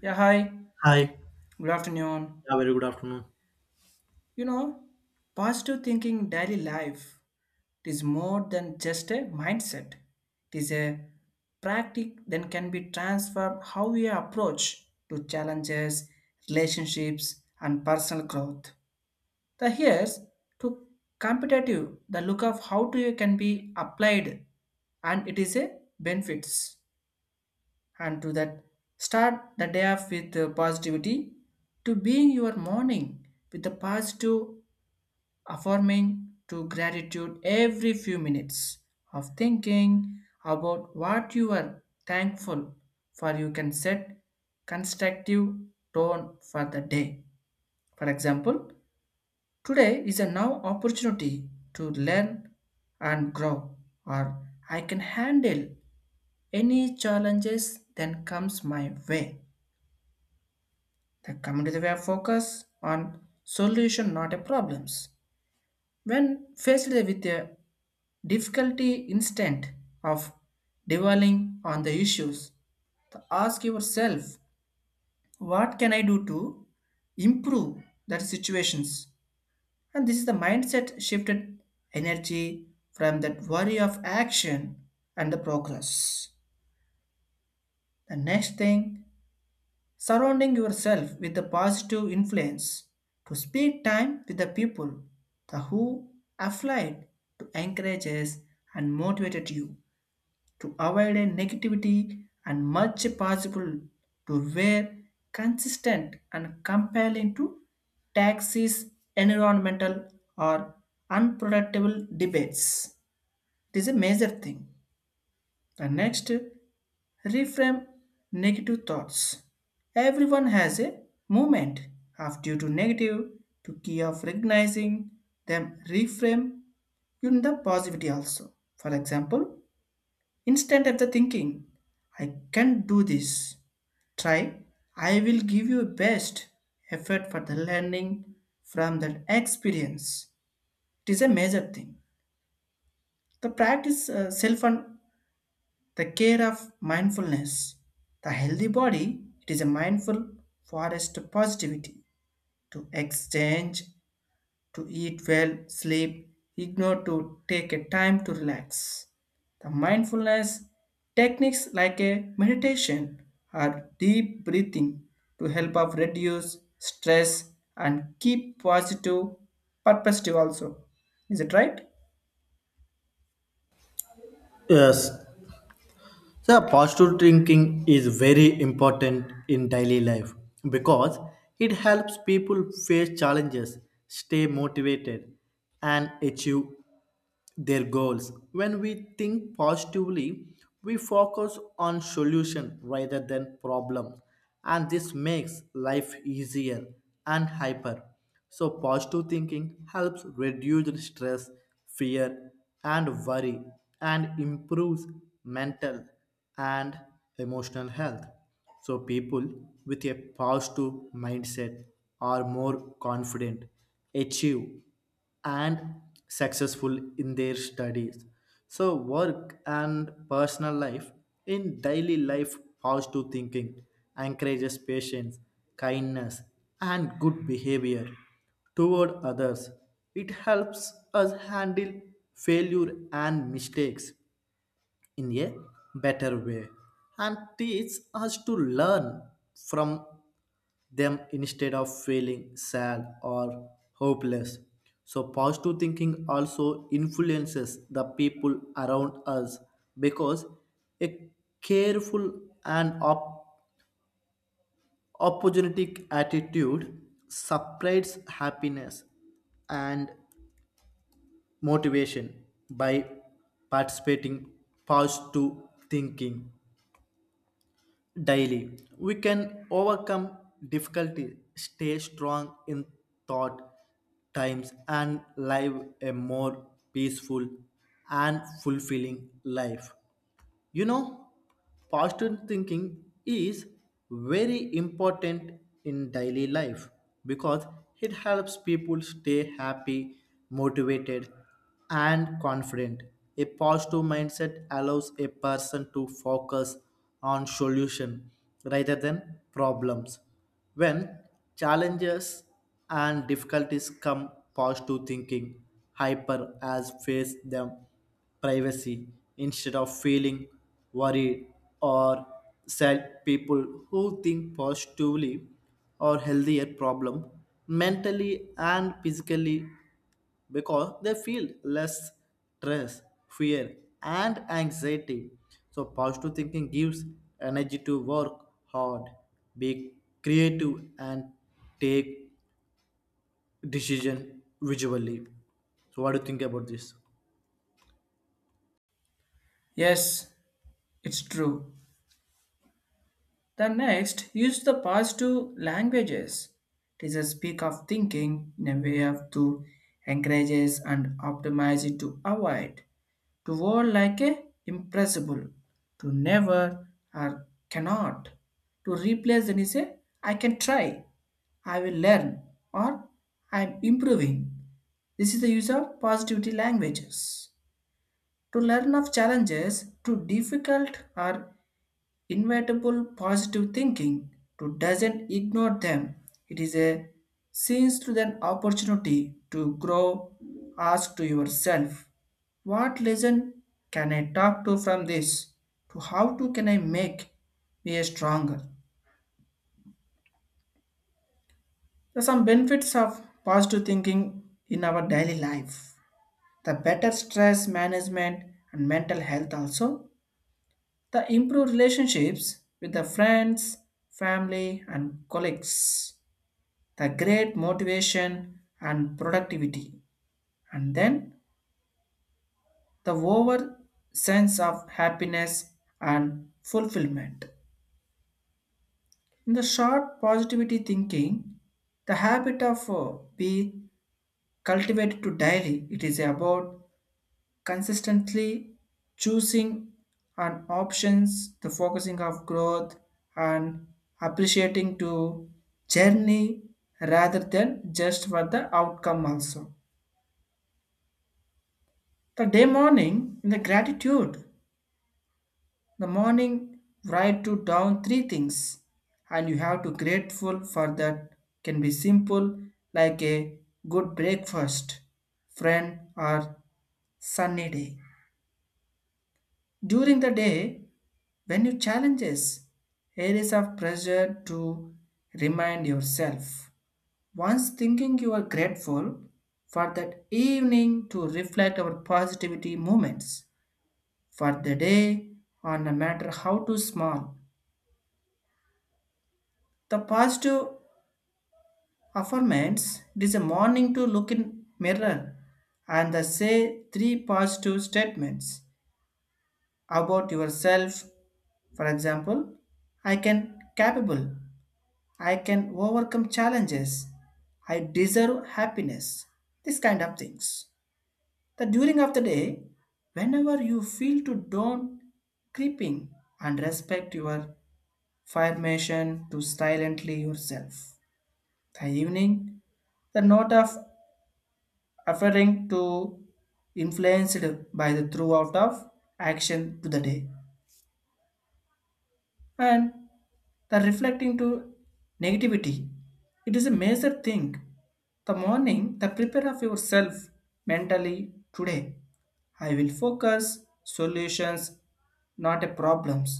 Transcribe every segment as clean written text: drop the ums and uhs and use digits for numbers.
Yeah, hi. Hi. Yeah, Good afternoon. very good afternoon. You know, Positive thinking in daily life is more than just a mindset. It is a practice that can be transformed how we approach to challenges, relationships, and personal growth. The here's to competitive the look of how to can be applied and it is a benefits. And to that start the day off with positivity to being your morning with the positive affirming to gratitude every few minutes of thinking about what you are thankful for you can set constructive tone for the day. For example, today is a now opportunity to learn and grow, or I can handle any challenges that comes my way. The community were focused on solution, not a problems. When faced with a difficulty instant of dwelling on the issues, to ask yourself, what can I do to improve that situations? And this is the mindset shifted energy from that worry of action and the progress. The next thing, surrounding yourself with the positive influence to spend time with the people the who applied to encourages and motivated you to avoid a negativity and much possible to wear consistent and compelling to taxes environmental or unproductive debates. It is a major thing. The next, reframe negative thoughts. Everyone has a moment of due to negative to key of recognizing them reframe in the positivity also. For example, instead of the thinking, I can do this. Try, I will give you best effort for the learning from that experience. It is a major thing. The practice self and the care of mindfulness. The healthy body, it is a mindful forest to positivity, to exchange, to eat well, sleep, ignore to take a time to relax. The mindfulness techniques like a meditation or deep breathing to help of reduce stress and keep positive perspective also. Is it right? Yes. So positive thinking is very important in daily life because it helps people face challenges, stay motivated, and achieve their goals. When we think positively, we focus on solution rather than problem, and this makes life easier and hyper. So positive thinking helps reduce stress, fear, and worry, and improves mental and emotional health. So people with a positive mindset are more confident, achieve and successful in their studies. So, work and personal life in daily life, positive thinking encourages patience, kindness, and good behavior toward others. It helps us handle failure and mistakes in a better way and teaches us to learn from them instead of feeling sad or hopeless. So, positive thinking also influences the people around us because a careful and opportunistic attitude separates happiness and motivation by participating positive thinking daily. We can overcome difficulty, stay strong in thought times, and live a more peaceful and fulfilling life. You know, positive thinking is very important in daily life because it helps people stay happy, motivated, and confident. A positive mindset allows a person to focus on solution rather than problems. When challenges and difficulties come, positive thinking hyper as face them privacy instead of feeling worried or sad people who think positively or healthier problem mentally and physically because they feel less stress, fear, and anxiety. So positive thinking gives energy to work hard, be creative, and take decision visually. So what do you think about this? Yes, it's true. The next, use the past positive languages. It is a speak of thinking in a way of to encourages and optimize it to avoid, to war like a impressible, to never or cannot, to replace then is a I can try, I will learn, or I'm improving. This is the use of positivity languages. To learn of challenges to difficult or inevitable positive thinking to doesn't ignore them. It is a seems to an opportunity to grow. Ask to yourself, what lesson can I talk to from this? To how to can I make me a stronger? There are some benefits of positive thinking in our daily life. The better stress management and mental health also. The improved relationships with the friends, family and colleagues, the great motivation and productivity, and then the over sense of happiness and fulfillment. In the short positivity thinking, the habit of be cultivated to daily. It is about consistently choosing and options, the focusing of growth and appreciating to journey rather than just for the outcome also. The day morning, in the gratitude, the morning write to down three things, and you have to grateful for that. Can be simple like a good breakfast, friend, or sunny day. During the day, when you challenges areas of pressure to remind yourself. Once thinking you are grateful for that evening to reflect our positivity moments for the day or no matter how too small. The positive affirmations, it is a morning to look in mirror and the say three positive statements about yourself. For example, I can capable, I can overcome challenges, I deserve happiness, this kind of things. The during of the day, whenever you feel to don't creeping and respect your formation to silently yourself. The evening, the note of referring to influenced by the throughout of action to the day and the reflecting to negativity. It is a major thing. The morning, the prepare of yourself mentally today. I will focus solutions, not a problems.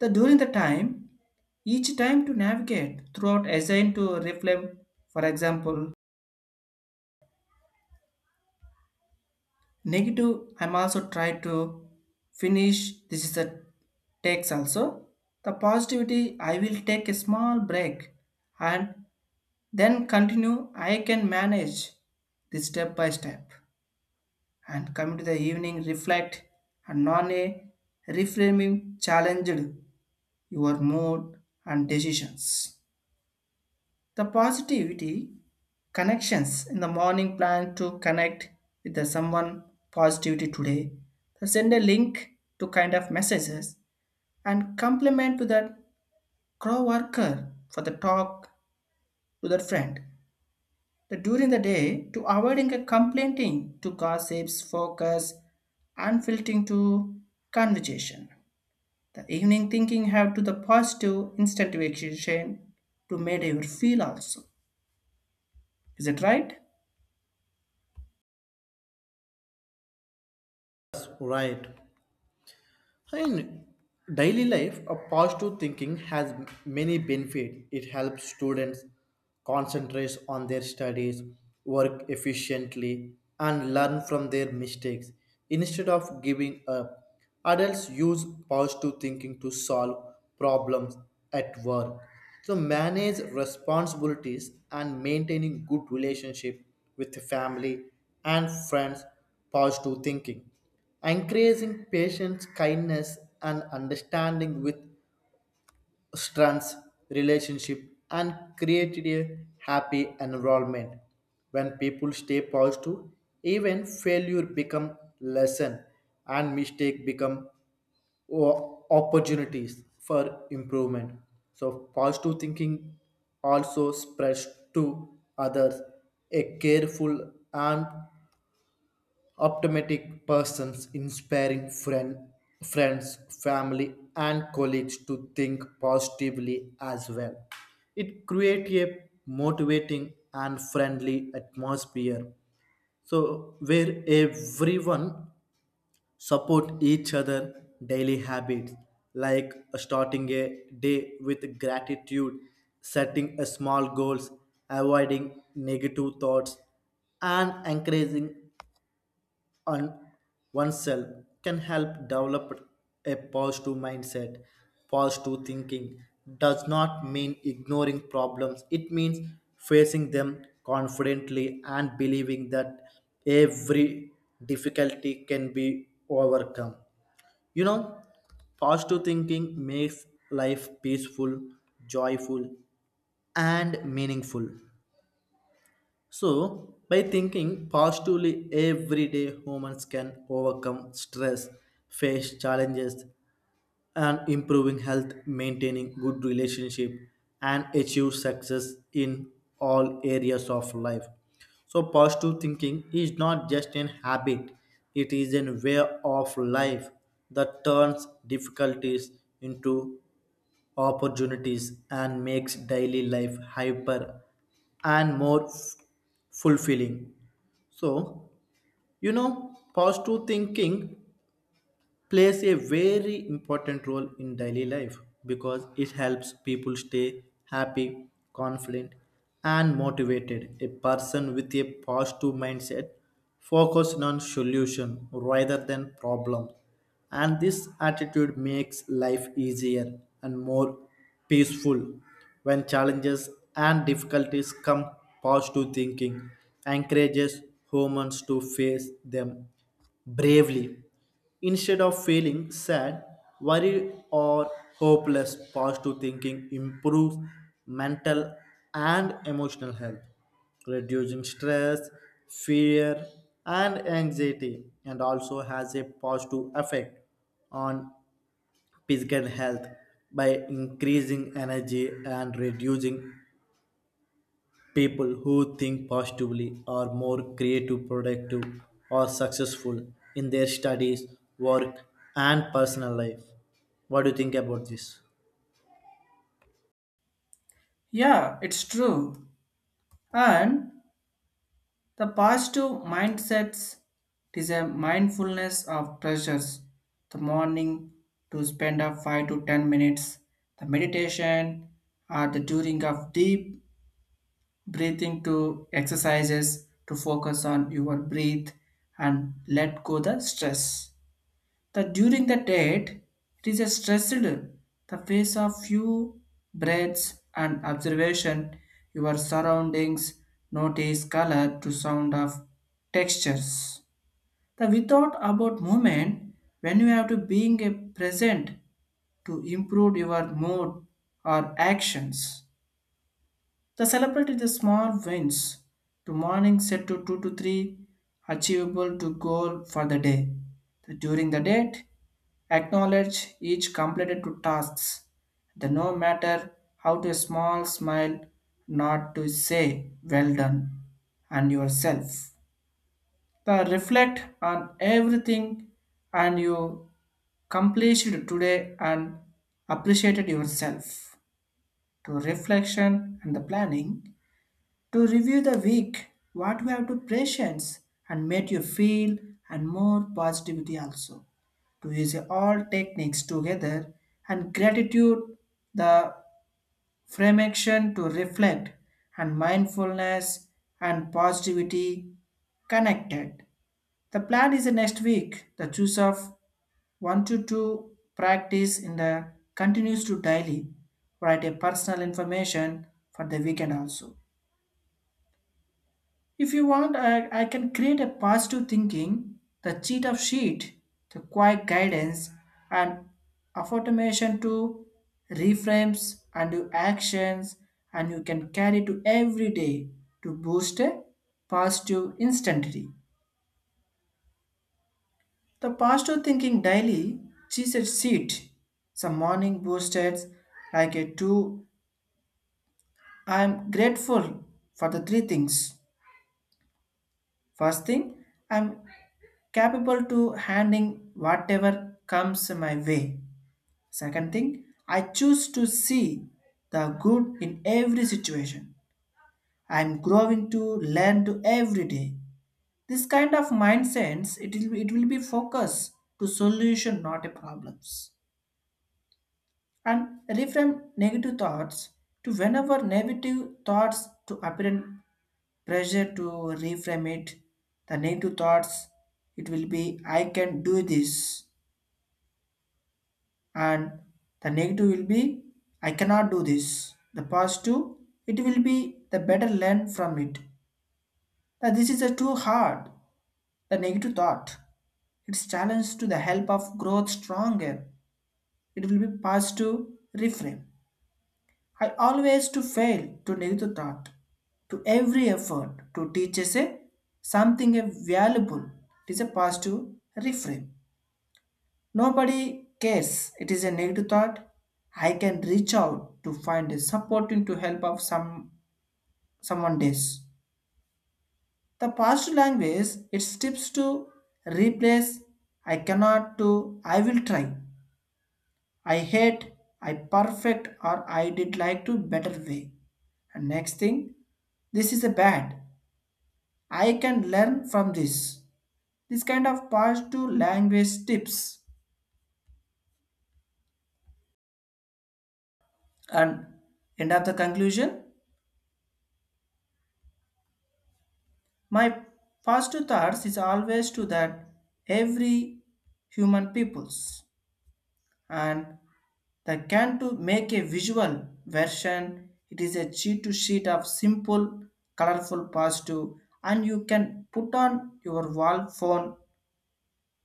The during the time, each time to navigate throughout assigned to reflame, for example, negative, I'm also try to finish. This is a takes also. The positivity, I will take a small break and then continue. I can manage this step by step and come to the evening reflect and non a reframing challenged your mood and decisions. The positivity connections in the morning plan to connect with the someone positivity today. The send a link to kind of messages and compliment to that crow worker for the talk to that friend. The during the day to avoiding a complaining to gossips, focus, and filtering to conversation. The evening thinking have to the positive instant vacation to make you feel also. Is it right? Right. In daily life, a positive thinking has many benefits. It helps students concentrate on their studies, work efficiently, and learn from their mistakes. Instead of giving up, adults use positive thinking to solve problems at work, to manage responsibilities, and maintaining good relationship with the family and friends. Positive thinking increasing patience, kindness, and understanding with strengths, relationship, and created a happy environment. When people stay positive, even failure become lesson and mistake become opportunities for improvement. So positive thinking also spreads to others. A careful and optimistic persons inspiring friend, friends, family, and colleagues to think positively as well. It creates a motivating and friendly atmosphere. So where everyone support each other daily habits like starting a day with gratitude, setting a small goals, avoiding negative thoughts, and encouraging on oneself can help develop a positive mindset. Positive thinking does not mean ignoring problems, it means facing them confidently and believing that every difficulty can be overcome. You know, positive thinking makes life peaceful, joyful, and meaningful. So, by thinking positively, everyday humans can overcome stress, face challenges, and improving health, maintaining good relationship, and achieve success in all areas of life. So, positive thinking is not just an habit; it is a way of life that turns difficulties into opportunities and makes daily life hyper and more fulfilling. So, you know, positive thinking plays a very important role in daily life because it helps people stay happy, confident, and motivated. A person with a positive mindset focused on solution rather than problem, and this attitude makes life easier and more peaceful. When challenges and difficulties come, positive thinking encourages humans to face them bravely. Instead of feeling sad, worried, or hopeless, positive thinking improves mental and emotional health, reducing stress, fear, and anxiety, and also has a positive effect on physical health by increasing energy and reducing. People who think positively are more creative, productive, or successful in their studies, work, and personal life. What do you think about this? Yeah, it's true. And the positive mindsets it is a mindfulness of pleasures. The morning to spend a 5 to 10 minutes, the meditation or the doing of deep breathing to exercises to focus on your breath and let go the stress. The during the date, it is a stressed. The face of few breaths and observation, your surroundings, notice color to sound of textures. The without about moment, when you have to being a present to improve your mood or actions. The celebrate the small wins. To morning set to two to three achievable to goal for the day. The- during the date, acknowledge each completed to tasks, the no matter how to small smile, not to say well done and yourself. The reflect on everything and you completed today and appreciated yourself. To reflection and the planning, to review the week, what we have to patience and made you feel and more positivity also. To use all techniques together and gratitude, the frame action to reflect and mindfulness and positivity connected. The plan is the next week, the choose of one to two practice in the continues to daily write a personal information for the weekend also. If you want, I can create a positive thinking, the cheat of sheet, the quiet guidance, and automation to reframes and do actions, and you can carry to every day to boost a positive instantly. The positive thinking daily cheat sheet, some morning boosters like a two. I am grateful for the three things. First thing, I'm capable to handling whatever comes my way. Second thing, I choose to see the good in every situation. I am growing to learn to every day. This kind of mindset it will be focus to solution, not a problems. And reframe negative thoughts to whenever negative thoughts to apparent pressure to reframe it. The negative thoughts it will be I can do this, and the negative will be I cannot do this. The positive it will be the better learn from it. That this is a too hard, the negative thought, it's challenge to the help of growth stronger, it will be positive reframe. I always to fail to negative thought to every effort to teach us a something a valuable. It is a positive reframe. Nobody cares. It is a negative thought. I can reach out to find a supporting to help of some someone days. The positive language it steps to replace I cannot to I will try. I hate, I perfect or I did like to better way. And next thing, this is a bad. I can learn from this. This kind of positive language tips. And end of the conclusion, my first thoughts is always to that every human peoples and the can to make a visual version. It is a sheet to sheet of simple, colorful positive, and you can put on your wall phone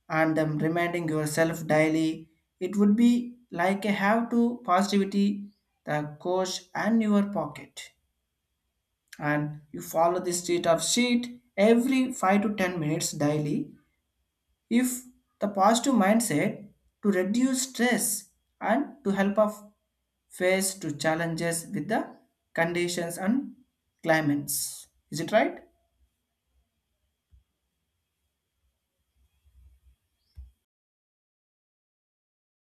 and them reminding yourself daily. It would be like a have to positivity, the coach and your pocket, and you follow this sheet of sheet every 5 to 10 minutes daily. If the positive mindset to reduce stress and to help us face to challenges with the conditions and climates, is it right?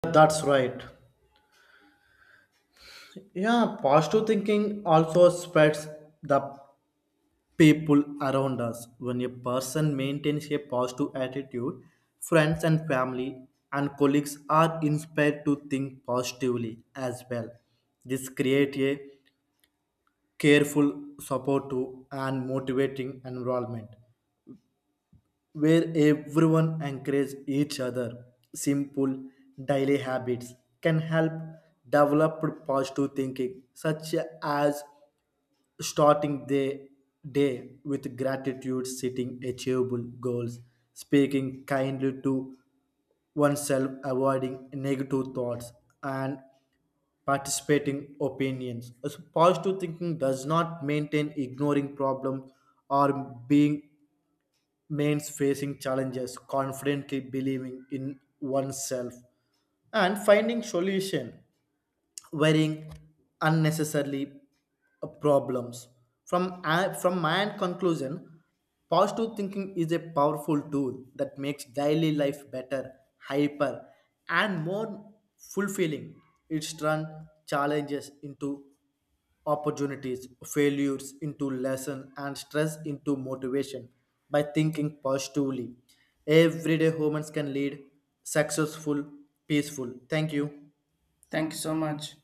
That's right. Yeah, positive thinking also spreads the people around us. When a person maintains a positive attitude, friends and family and colleagues are inspired to think positively as well. This creates a careful, supportive, and motivating environment where everyone encourages each other. Simple daily habits can help develop positive thinking, such as starting the day with gratitude, setting achievable goals, speaking kindly to oneself, avoiding negative thoughts, and participating opinions. As positive thinking does not maintain ignoring problems or being means facing challenges, confidently believing in oneself and finding solution. Wearing unnecessarily problems. From, from my end conclusion, positive thinking is a powerful tool that makes daily life better, hyper, and more fulfilling. It turns challenges into opportunities, failures into lesson, and stress into motivation by thinking positively. Everyday humans can lead successful, peaceful. Thank you. Thank you so much.